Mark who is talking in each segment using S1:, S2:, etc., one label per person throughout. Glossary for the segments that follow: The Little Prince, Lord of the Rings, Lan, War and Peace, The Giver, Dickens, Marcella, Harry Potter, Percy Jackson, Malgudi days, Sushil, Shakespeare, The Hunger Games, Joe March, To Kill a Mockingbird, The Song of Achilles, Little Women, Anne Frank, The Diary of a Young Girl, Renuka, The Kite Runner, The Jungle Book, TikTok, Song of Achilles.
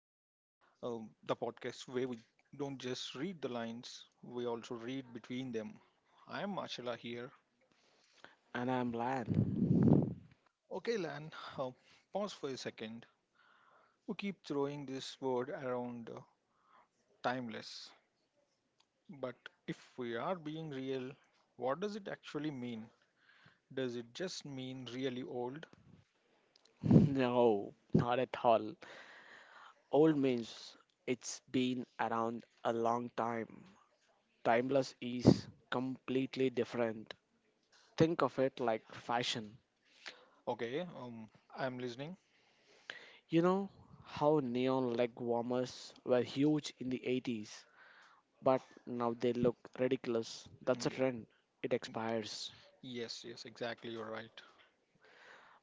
S1: The podcast where we don't just read the lines, we also read between them. I'm Marcella here.
S2: And I'm Lan.
S1: Okay, Lan, uh, pause for a second. We keep throwing this word around, timeless, but if we are being real, what does it actually mean? Does it just mean really old?
S2: No, not at all. Old means it's been around a long time. Timeless is completely different. Think of it like fashion.
S1: Okay, I'm listening.
S2: You know how neon leg warmers were huge in the 80s, but now they look ridiculous. That's a
S1: Yeah.
S2: trend, it expires.
S1: Yes, yes, exactly. You're right.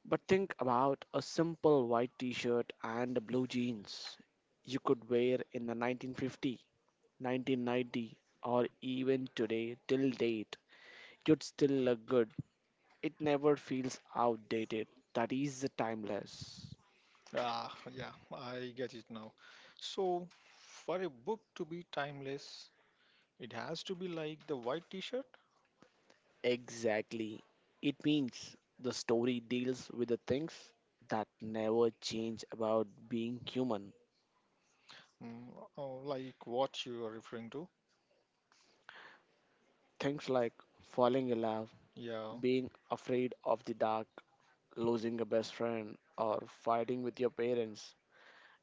S2: But think about a simple white t shirt and blue jeans you could wear in the 1950 1990, or even today till date, you'd still look good. It never feels outdated. That is the timeless.
S1: Ah, yeah, I get it now. So, for a book to be timeless, it has to be like the white t-shirt,
S2: Exactly. It means the story deals with the things that never change about being human.
S1: mm, or like what you are referring to.
S2: Things like falling in love,
S1: Yeah,
S2: being afraid of the dark, losing a best friend, or fighting with your parents.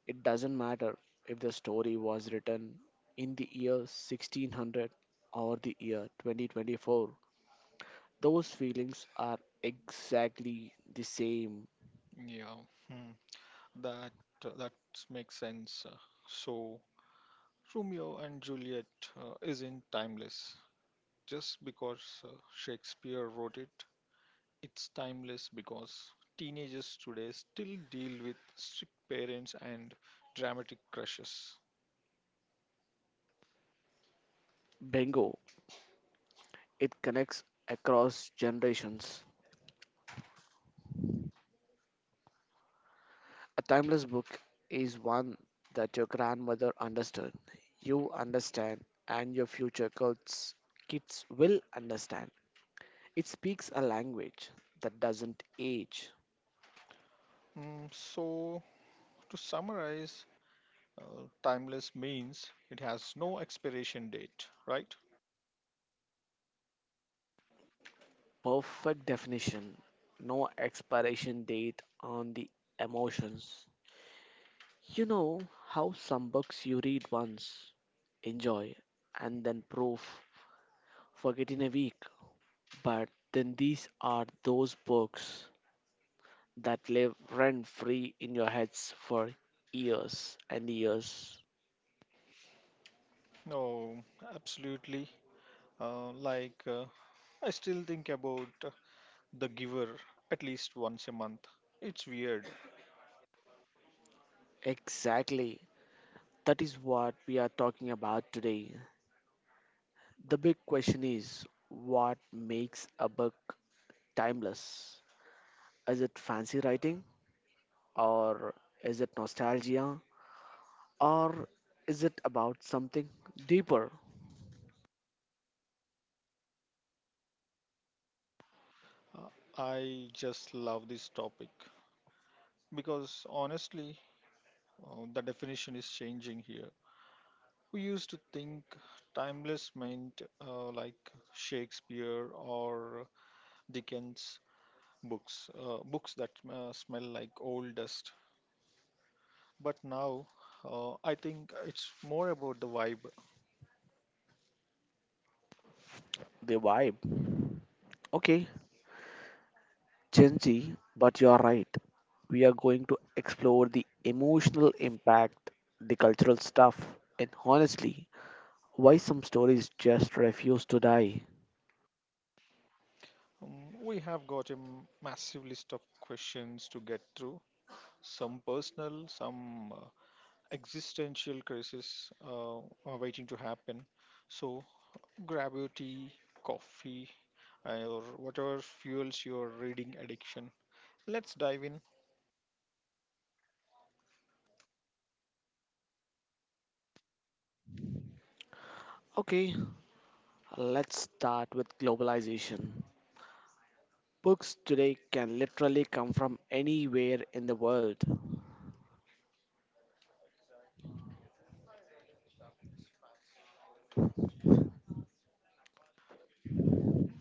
S2: It doesn't matter if the story was written in the year 1600 or the year 2024, those feelings are exactly the same.
S1: yeah. Hmm. That that makes sense. So, Romeo and Juliet isn't timeless just because Shakespeare wrote it. It's timeless because teenagers today still deal with strict parents and dramatic crushes.
S2: Bingo! It connects across generations. A timeless book is one that your grandmother understood, you understand, and your future kids will understand. It speaks a language that doesn't age.
S1: Mm, so, to summarize, timeless means it has no expiration date, right?
S2: Perfect definition. No expiration date on the emotions. You know how some books you read once, enjoy, and then proof, forget in a week. But then these are those books that live rent free in your heads for years and years.
S1: No, absolutely. Uh, like, uh, I still think about The Giver at least once a month. It's weird.
S2: Exactly. That is what we are talking about today. The big question is what makes a book timeless? Is it fancy writing? Or is it nostalgia? Or is it about something deeper?
S1: Uh, I just love this topic because honestly, the definition is changing here. We used to think timeless meant like Shakespeare or Dickens books, books that smell like old dust. But now I think it's more about the vibe.
S2: The vibe. Okay, Gen Z, but you're right. We are going to explore the emotional impact, the cultural stuff, and honestly, why some stories just refuse to die.
S1: We have got a massive list of questions to get through, some personal, some existential crisis are waiting to happen. So grab your tea, coffee, or whatever fuels your reading addiction. Let's dive in.
S2: Okay, let's start with globalization. Books today can literally come from anywhere in the world.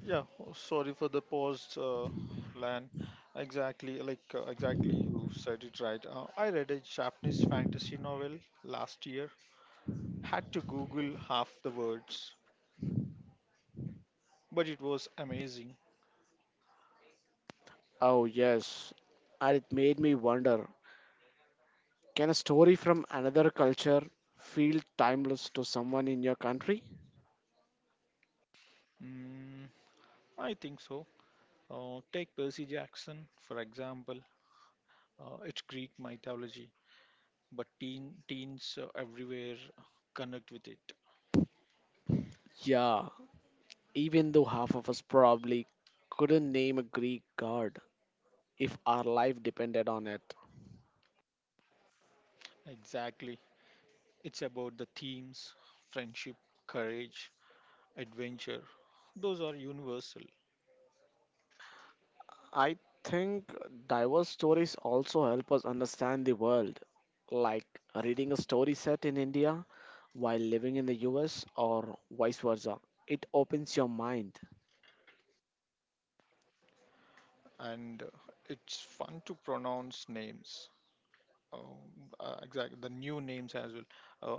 S1: Yeah, oh, sorry for the pause, Lan. Exactly, you said it right. I read a Japanese fantasy novel last year. Had to Google half the words, but it was amazing.
S2: Oh, yes. And it made me wonder, can a story from another culture feel timeless to someone in your country?
S1: Mm, I think so. Take Percy Jackson for example. It's Greek mythology, but teens everywhere connect with it.
S2: Yeah, even though half of us probably couldn't name a Greek god if our life depended on it.
S1: Exactly, it's about the themes, friendship, courage, adventure. Those are universal,
S2: I think diverse stories also help us understand the world, like reading a story set in India while living in the US or vice versa. It opens your mind.
S1: and it's fun to pronounce names. Exactly, the new names as well,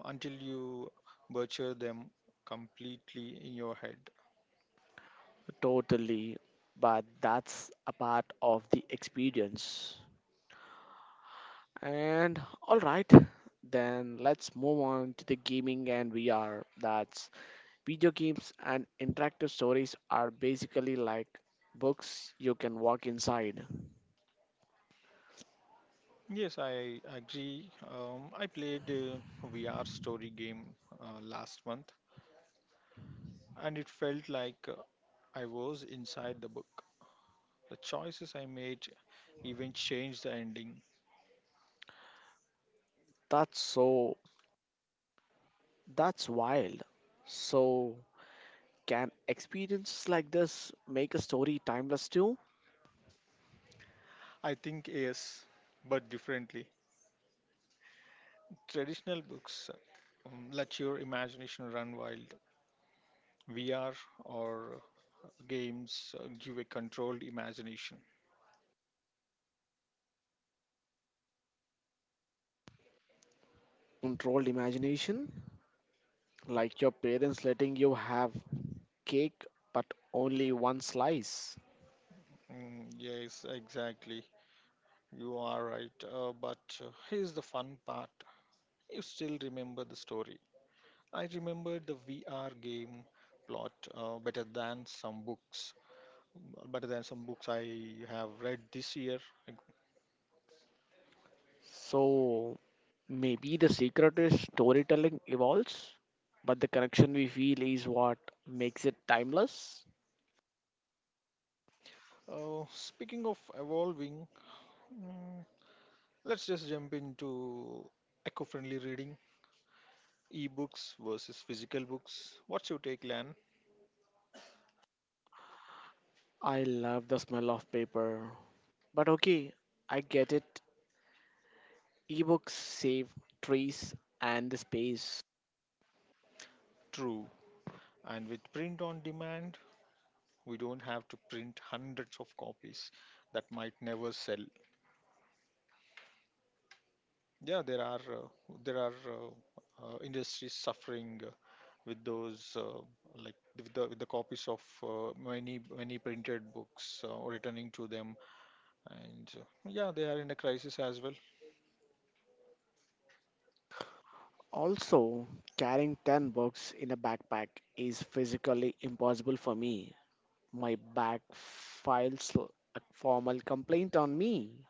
S1: until you butcher them completely in your head.
S2: Totally, but that's a part of the experience. And all right, then let's move on to the gaming and VR. That's Video games and interactive stories are basically like books you can walk inside.
S1: Yes, I agree. I played a VR story game last month, and it felt like I was inside the book. The choices I made even changed the ending.
S2: That's so that's wild. So can experiences like this make a story timeless too?
S1: I think yes, but differently. Traditional books let your imagination run wild. VR or games give a controlled imagination.
S2: Controlled imagination, like your parents letting you have cake, but only one slice.
S1: Mm, yes, exactly. You are right. But here's the fun part, you still remember the story. I remember the VR game plot better than some books, better than some books I have read this year.
S2: So maybe the secret is storytelling evolves, but the connection we feel is what makes it timeless.
S1: Speaking of evolving, mm, let's just jump into eco friendly reading, ebooks versus physical books. What's your take, Lan?
S2: I love the smell of paper. But okay, I get it. Ebooks save trees and the space.
S1: True. And with print on demand, we don't have to print hundreds of copies that might never sell. Yeah, there are industries suffering with those, like with the copies of many many printed books returning to them, and yeah, they are in a crisis as well.
S2: Also, carrying 10 books in a backpack is physically impossible for me. My back files a formal complaint on me.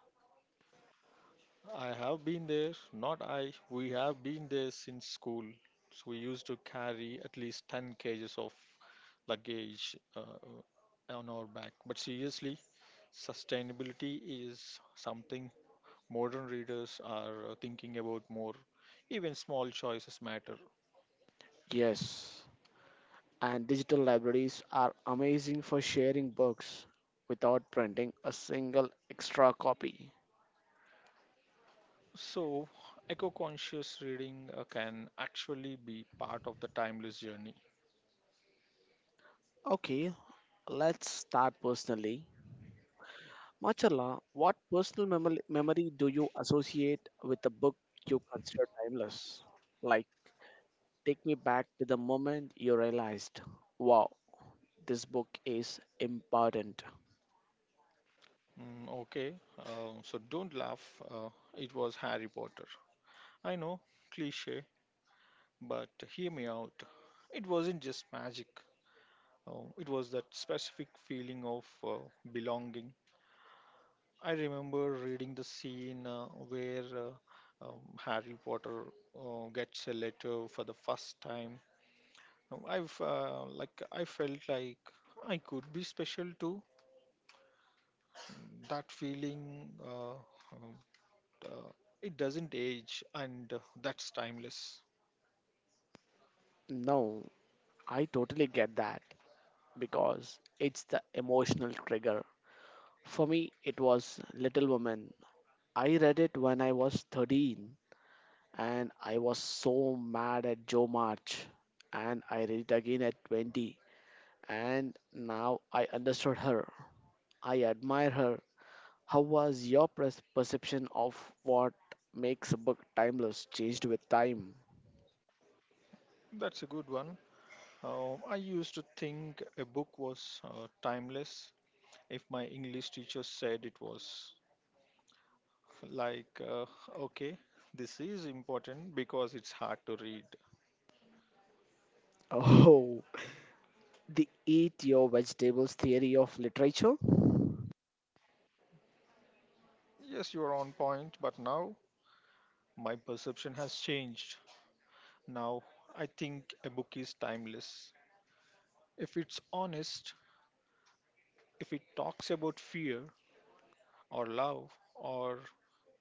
S1: I have been there, not I. We have been there since school. So we used to carry at least 10 kg kgs of luggage on our back. But seriously, sustainability is something modern readers are thinking about more. Even small choices matter.
S2: Yes, and digital libraries are amazing for sharing books without printing a single extra copy.
S1: So, eco conscious reading can actually be part of the timeless journey.
S2: Okay, let's start personally. Machala, what personal memory do you associate with a book you consider timeless? Like, take me back to the moment you realized, wow, this book is important.
S1: Okay, so don't laugh. It was Harry Potter. I know, cliche, but hear me out. It wasn't just magic. Oh, it was that specific feeling of belonging. I remember reading the scene where Harry Potter gets a letter for the first time. I've Like I felt like I could be special too. That feeling, um, uh, it doesn't age, and that's timeless.
S2: No, I totally get that because it's the emotional trigger. For me, it was Little Women. I read it when I was 13 and I was so mad at Joe March. And I read it again at 20 and now I understood her. I admire her. How was your perception of what makes a book timeless changed with time?
S1: That's a good one. I used to think a book was timeless if my English teacher said it was. Like, okay, this is important because it's hard to read.
S2: Oh, the eat your vegetables theory of literature?
S1: Yes, you are on point, but now my perception has changed. Now I think a book is timeless. If it's honest, if it talks about fear or love or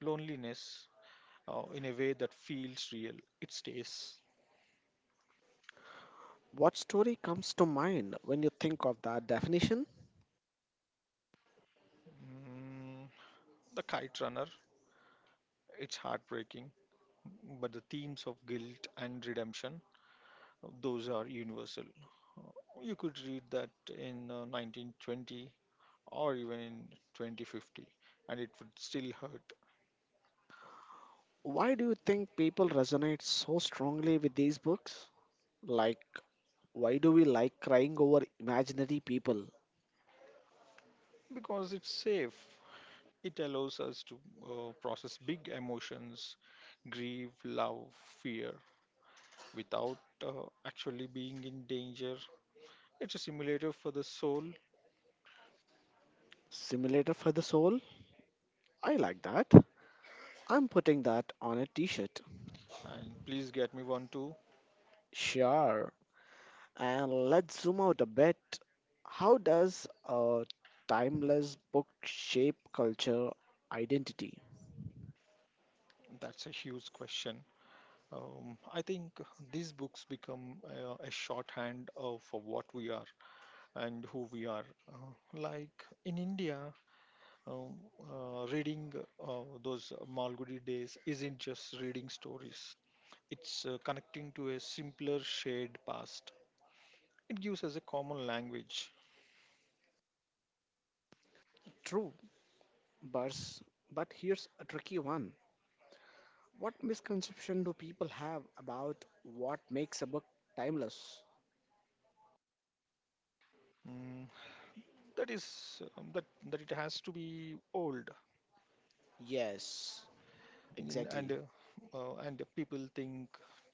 S1: loneliness in a way that feels real, it stays.
S2: What story comes to mind when you think of that definition?
S1: Mm, the Kite Runner. It's heartbreaking, but the themes of guilt and redemption, those are universal. You could read that in 1920 or even in 2050, and it would still hurt
S2: Why do you think people resonate so strongly with these books? Like, why do we like crying over imaginary people?
S1: because it's safe. It allows us to process big emotions, grief, love, fear, without actually being in danger. It's a simulator for the soul,
S2: Simulator for the soul? I like that. I'm putting that on a t shirt.
S1: and please get me one too.
S2: Sure. And let's zoom out a bit. How does a timeless book shape culture identity?
S1: That's a huge question. I think these books become a shorthand for what we are and who we are. Like in India, um, reading those Malgudi days isn't just reading stories, it's connecting to a simpler, shared past. It gives us a common language.
S2: True, but, but here's a tricky one. What misconception do people have about what makes a book timeless?
S1: Mm, that is that that it has to be old,
S2: Yes,
S1: in- and
S2: exactly.
S1: uh, uh, and people think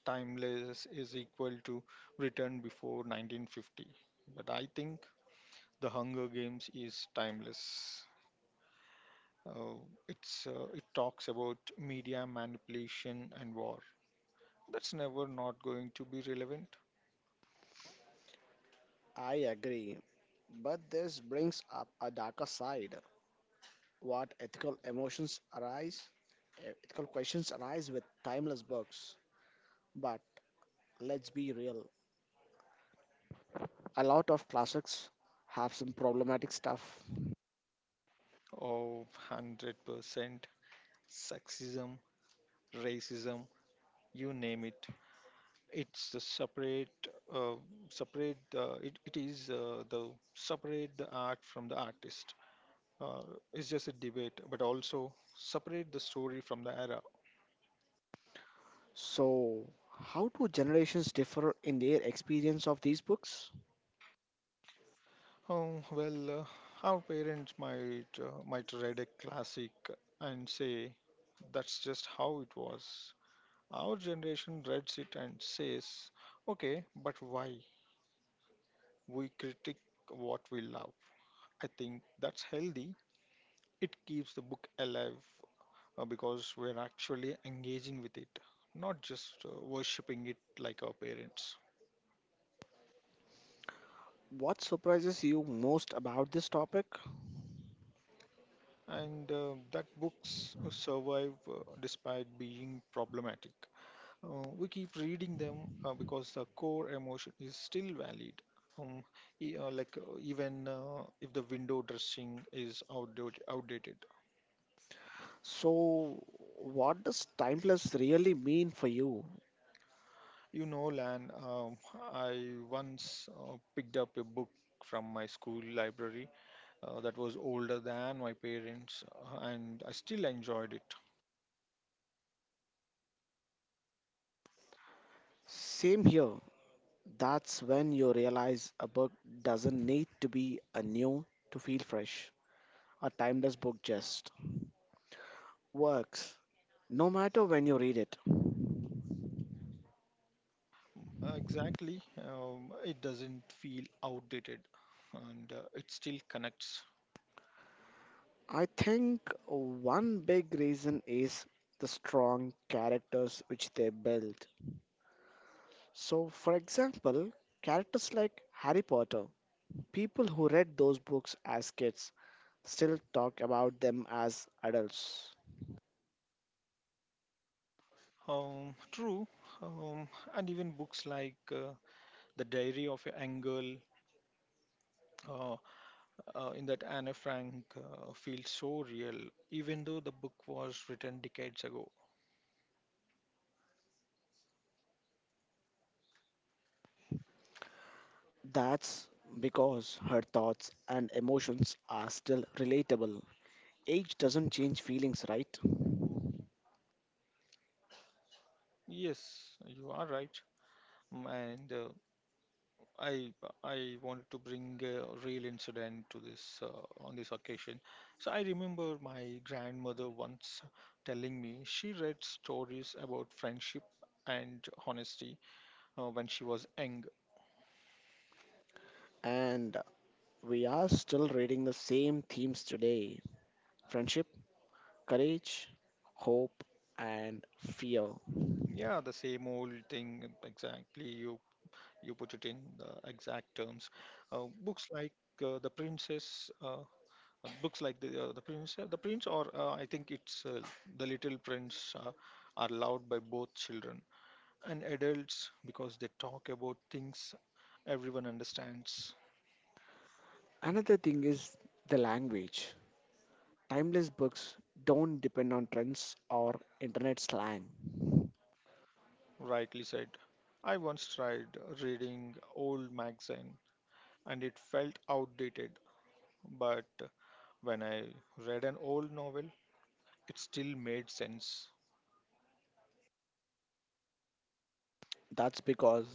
S1: timeless is equal to written before 1950. But I think the Hunger Games is timeless. uh, it talks about media manipulation and war. That's never not going to be relevant.
S2: I agree, but this brings up a darker side. What ethical emotions arise? Ethical questions arise with timeless books. But let's be real, a lot of classics have some problematic stuff.
S1: Or 100% sexism, racism, you name it. It's a separate, uh, separate. It, it is the Separate the art from the artist. Uh, it's just a debate, but also separate the story from the era.
S2: So, how do generations differ in their experience of these books?
S1: Oh well, our parents might, read a classic and say that's just how it was. Our generation reads it and says, okay, but why? We critique what we love. I think that's healthy. It keeps the book alive because we're actually engaging with it, not just worshipping it like our parents.
S2: What surprises you most about this topic?
S1: And that books survive despite being problematic. We keep reading them because the core emotion is still valid. Um, even if the window dressing is outdated.
S2: So, what does timeless really mean for you?
S1: You know, Lan, I once picked up a book from my school library that was older than my parents, and I still enjoyed it.
S2: Same here. That's when you realize a book doesn't need to be a new to feel fresh. A timeless book just works, no matter when you read it.
S1: Exactly, it doesn't feel outdated, and it still connects.
S2: I think one big reason is the strong characters which they build. So, for example, characters like Harry Potter, people who read those books as kids still talk about them as adults.
S1: True, um, and even books like The Diary of a Young Girl, uh, in that Anne Frank feels so real, even though the book was written decades ago.
S2: That's because her thoughts and emotions are still relatable. Age doesn't change feelings, right?
S1: Yes, you are right. And I I wanted to bring a real incident to this, on this occasion. So I remember my grandmother once telling me she read stories about friendship and honesty when she was young.
S2: And we are still reading the same themes today: friendship, courage, hope, and fear.
S1: Yeah, the same old thing exactly. You put it in the exact terms. Uh, books like uh, the princess. Uh, Books like the prince or I think it's the Little Prince are loved by both children and adults because they talk about things everyone understands.
S2: Another thing is the language. Timeless books don't depend on trends or internet slang.
S1: Rightly said. I once tried reading old magazine and it felt outdated, but when I read an old novel, it still made sense.
S2: That's because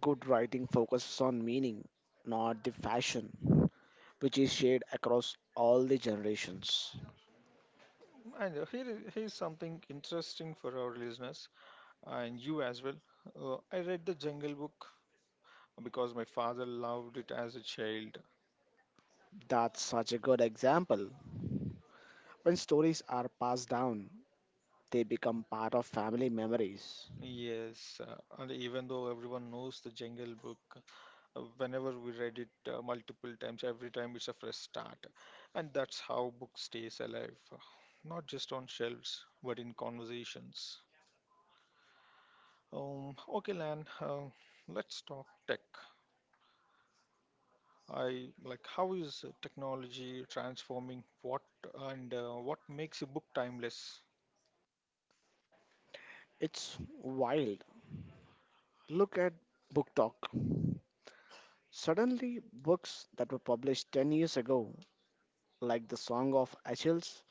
S2: good writing focuses on meaning, not the fashion, which is shared across all the generations.
S1: And here's something interesting for our listeners and you as well. I read the Jungle Book because my father loved it as a child.
S2: That's such a good example. When stories are passed down, they become part of family memories.
S1: Yes, and even though everyone knows the Jungle Book, whenever we read it, multiple times, every time it's a fresh start, and that's how book stays alive, not just on shelves but in conversations. Okay, Lan, let's talk tech. I like, how is technology transforming what, and what makes a book timeless?
S2: It's wild. Look at Book Talk. Suddenly, books that were published 10 years ago, like The Song of Achilles,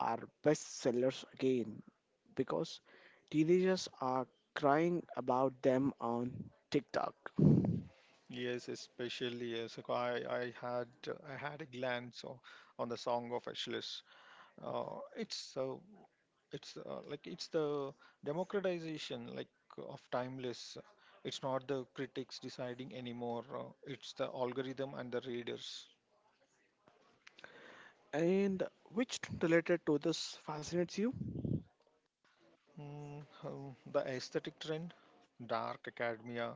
S2: are bestsellers again because teenagers are crying about them on TikTok.
S1: Yes, especially yes. Like I had a glance on the Song of Achilles. Uh, it's uh, it's the democratization, like, of timeless. It's not the critics deciding anymore, it's the algorithm and the readers.
S2: And which trend related to this fascinates you?
S1: The aesthetic trend, dark academia,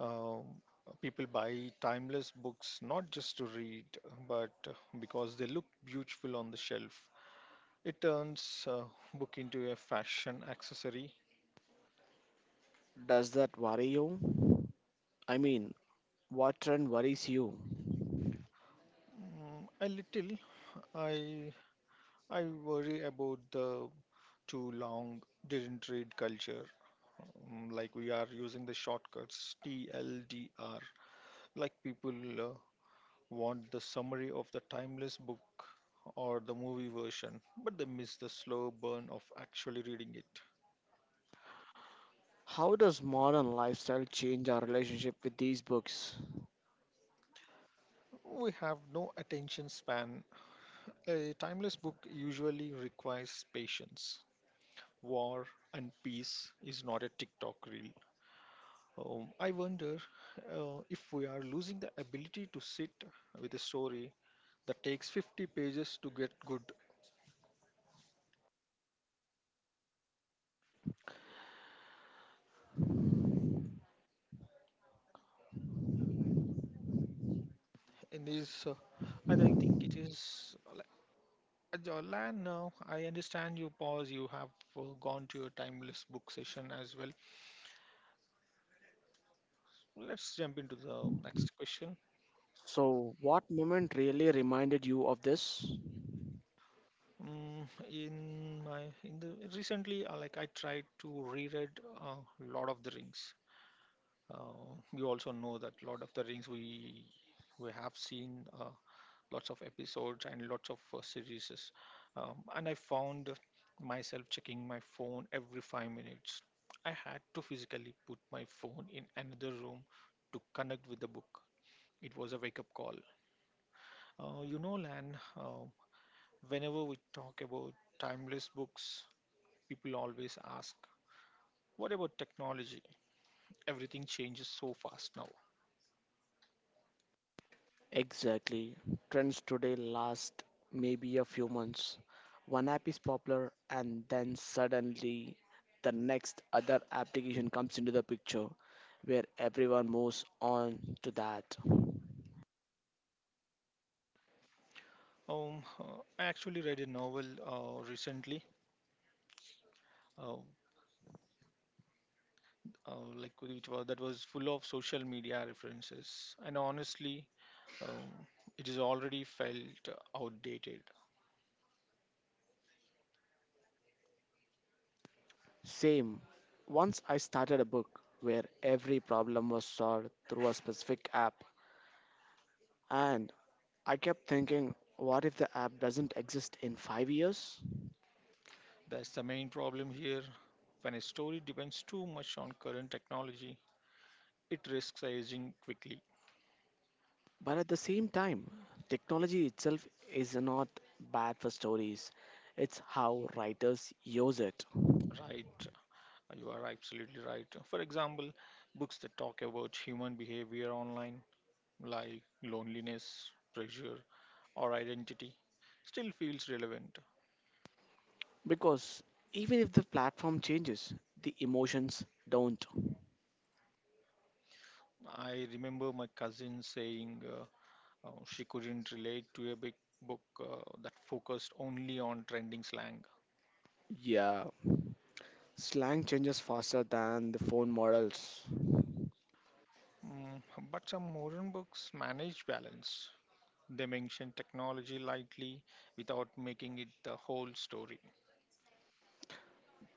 S1: um, people buy timeless books not just to read but because they look beautiful on the shelf. It turns book into a fashion accessory.
S2: Does that worry you? I mean, what trend worries you?
S1: Mm, a little. I i worry about the too long, didn't read culture. Like we are using the shortcuts, TLDR. Like people uh, want the summary of the timeless book or the movie version, but they miss the slow burn of actually reading it.
S2: How does modern lifestyle change our relationship with these books?
S1: We have no attention span. A timeless book usually requires patience. War and Peace is not a TikTok reel. I wonder if we are losing the ability to sit with a story that takes 50 pages to get good. In this, think it is. Lan, now I understand you pause. You have gone to your timeless book session as well. Let's jump into the next question.
S2: So, what moment really reminded you of this?
S1: Mm, in the recently, like I tried to reread Lord of the Rings. You also know that Lord of the Rings, we have seen lots of episodes and lots of series. And I found myself checking my phone every 5 minutes. I had to physically put my phone in another room to connect with the book. It was a wake up call. Lan, whenever we talk about timeless books, people always ask, what about technology? Everything changes so fast now.
S2: Exactly. Trends today last maybe a few months. One app is popular, and then suddenly the next other application comes into the picture where everyone moves on to that.
S1: I actually read a novel recently. Uh, like which was That was full of social media references, and honestly, um, it is already felt outdated.
S2: Same. Once I started a book where every problem was solved through a specific app, and I kept thinking, what if the app doesn't exist in 5 years?
S1: That's the main problem here. When a story depends too much on current technology, it risks aging quickly.
S2: But at the same time, technology itself is not bad for stories, it's how writers use it.
S1: Right, you are absolutely right. For example, books that talk about human behavior online, like loneliness, pressure, or identity, still feels relevant.
S2: Because even if the platform changes, the emotions don't.
S1: I remember my cousin saying she couldn't relate to a big book that focused only on trending slang.
S2: Yeah, slang changes faster than the phone models.
S1: Mm, but some modern books manage balance. They mention technology lightly without making it the whole story.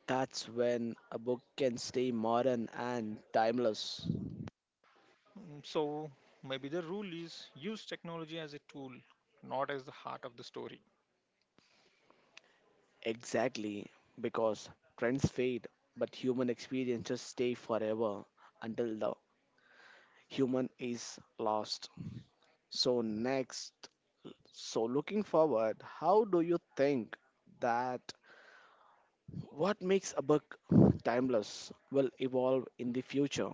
S2: That's when a book can stay modern and timeless.
S1: So maybe the rule is use technology as a tool, not as the heart of the story.
S2: Exactly, because trends fade, but human experiences stay forever until the human is lost. So, next, so looking forward, how do you think that what makes a book timeless will evolve in the future?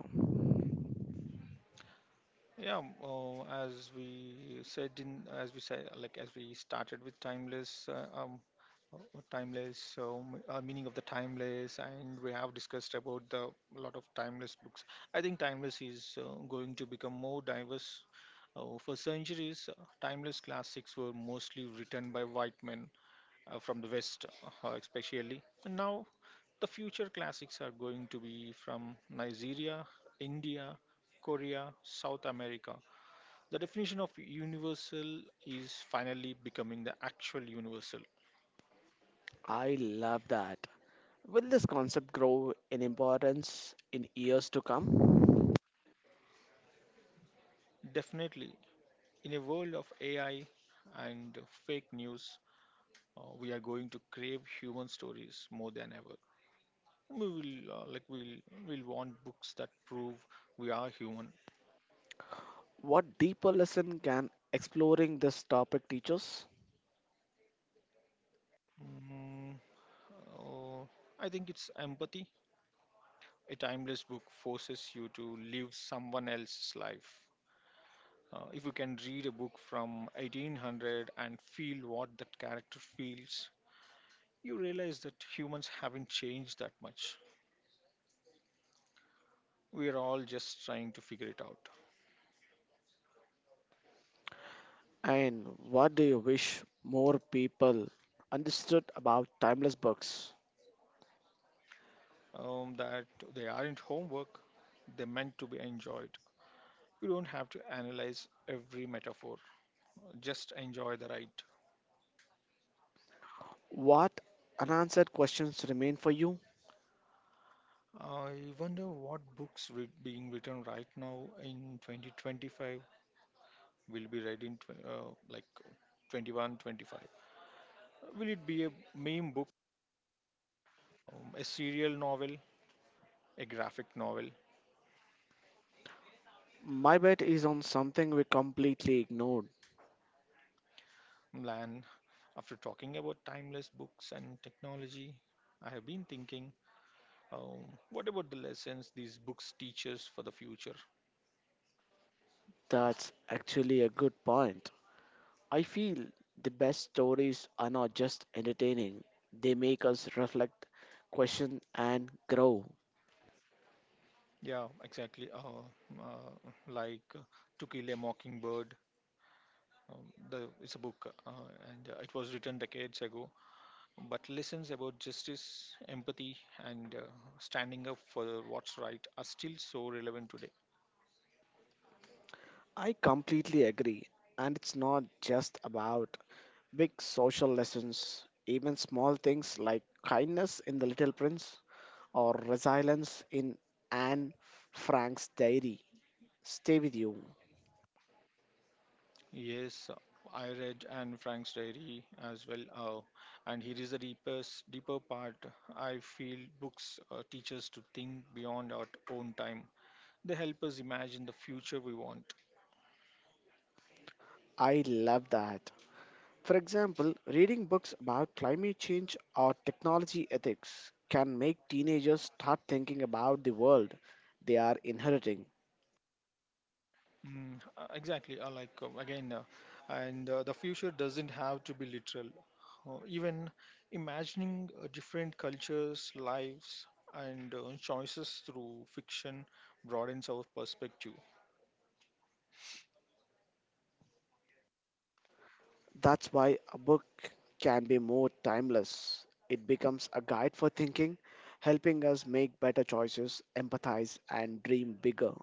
S1: Yeah, as we said in, as we said, like As we started with timeless, timeless, meaning of the timeless, and we have discussed about the lot of timeless books. I think timeless is going to become more diverse. For centuries, timeless classics were mostly written by white men from the West, especially. And now, the future classics are going to be from Nigeria, India, Korea, South America. The definition of universal is finally becoming the actual universal.
S2: I love that. Will this concept grow in importance in years to come?
S1: Definitely, in a world of AI and fake news, we are going to crave human stories more than ever. We will uh, like we'll we'll want books that prove we are human.
S2: What deeper lesson can exploring this topic teach us?
S1: Mm, uh, I think it's empathy. A timeless book forces you to live someone else's life. If you can read a book from 1800 and feel what that character feels, you realize that humans haven't changed that much. We are all just trying to figure it out.
S2: And what do you wish more people understood about timeless books?
S1: That they aren't homework, they're meant to be enjoyed. You don't have to analyze every metaphor, just enjoy the ride.
S2: What unanswered questions remain for you?
S1: I wonder what being written right now in 2025 will be read in 21, 25? Will it be a meme book, a serial novel, a graphic novel?
S2: My bet is on something we completely ignored.
S1: Lan, after talking about timeless books and technology, I have been thinking, um, what about the lessons these books teach us for the future?
S2: That's actually a good point. I feel the best stories are not just entertaining, they make us reflect, question, and grow.
S1: Yeah, exactly. Uh, like uh, To Kill a Mockingbird, um, it's a book, and it was written decades ago, but lessons about justice, empathy, and standing up for what's right are still so relevant today.
S2: I completely agree. And it's not just about big social lessons, even small things like kindness in The Little Prince or resilience in Anne Frank's diary, stay with you.
S1: Yes, I read Anne Frank's diary as well, and here is the deeper part. I feel books teach us to think beyond our own time. They help us imagine the future we want.
S2: I love that. For example, reading books about climate change or technology ethics can make teenagers start thinking about the world they are inheriting.
S1: Exactly. Like again, and The future doesn't have to be literal. Even imagining different cultures, lives, and choices through fiction broadens our perspective.
S2: That's why a book can be more timeless. It becomes a guide for thinking, helping us make better choices, empathize, and dream bigger.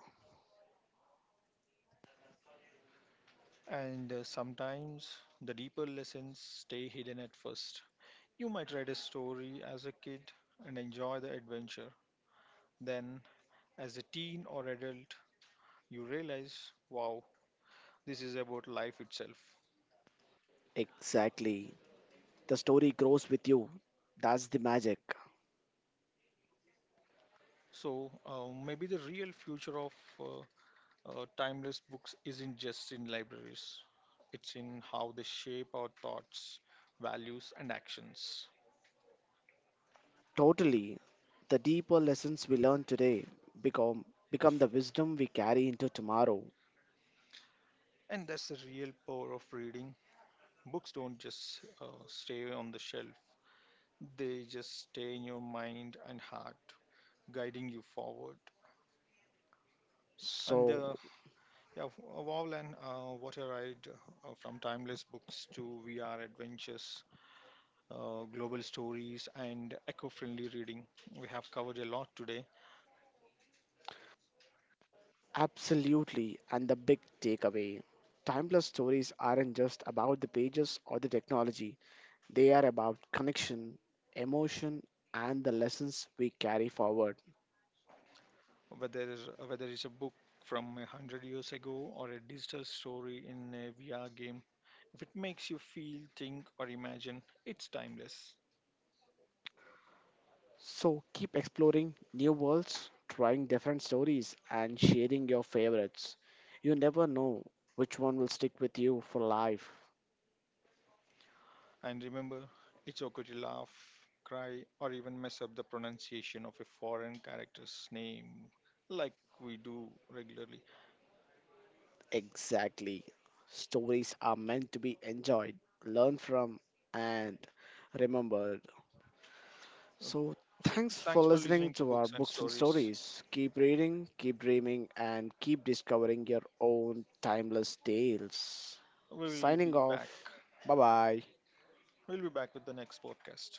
S1: And Sometimes the deeper lessons stay hidden at first. You might read a story as a kid and enjoy the adventure. Then, as a teen or adult, you realize, wow, this is about life itself.
S2: Exactly. The story grows with you. That's the magic.
S1: So maybe the real future of uh, timeless books isn't just in libraries, it's in how they shape our thoughts, values, and actions.
S2: Totally. The deeper lessons we learn today become become the wisdom we carry into tomorrow.
S1: And that's the real power of reading. Books don't just stay on the shelf, they just stay in your mind and heart, guiding you forward. And
S2: So,
S1: uh, yeah, Wowland, what a ride from timeless books to VR adventures, global stories, and eco-friendly reading. We have covered a lot today,
S2: absolutely. And the big takeaway: timeless stories aren't just about the pages or the technology. They are about connection, emotion, and the lessons we carry forward.
S1: whether whether it's a book from 100 years ago or a digital story in a VR game. If it makes you feel, think, or imagine, it's timeless.
S2: So keep exploring new worlds, trying different stories, and sharing your favorites. You never know which one will stick with you for life.
S1: And remember, it's okay to laugh, cry, or even mess up the pronunciation of a foreign character's name, like we do regularly.
S2: Exactly. Stories are meant to be enjoyed, learned from, and remembered.
S1: Uh,
S2: So,
S1: So,
S2: thanks for
S1: thanks for
S2: listening
S1: listening to
S2: to our
S1: Books and
S2: books and
S1: Stories.
S2: stories. Keep reading, keep dreaming, and keep discovering your own timeless tales.
S1: We will
S2: Signing
S1: be back
S2: off. Bye bye.
S1: We'll be back with the next podcast.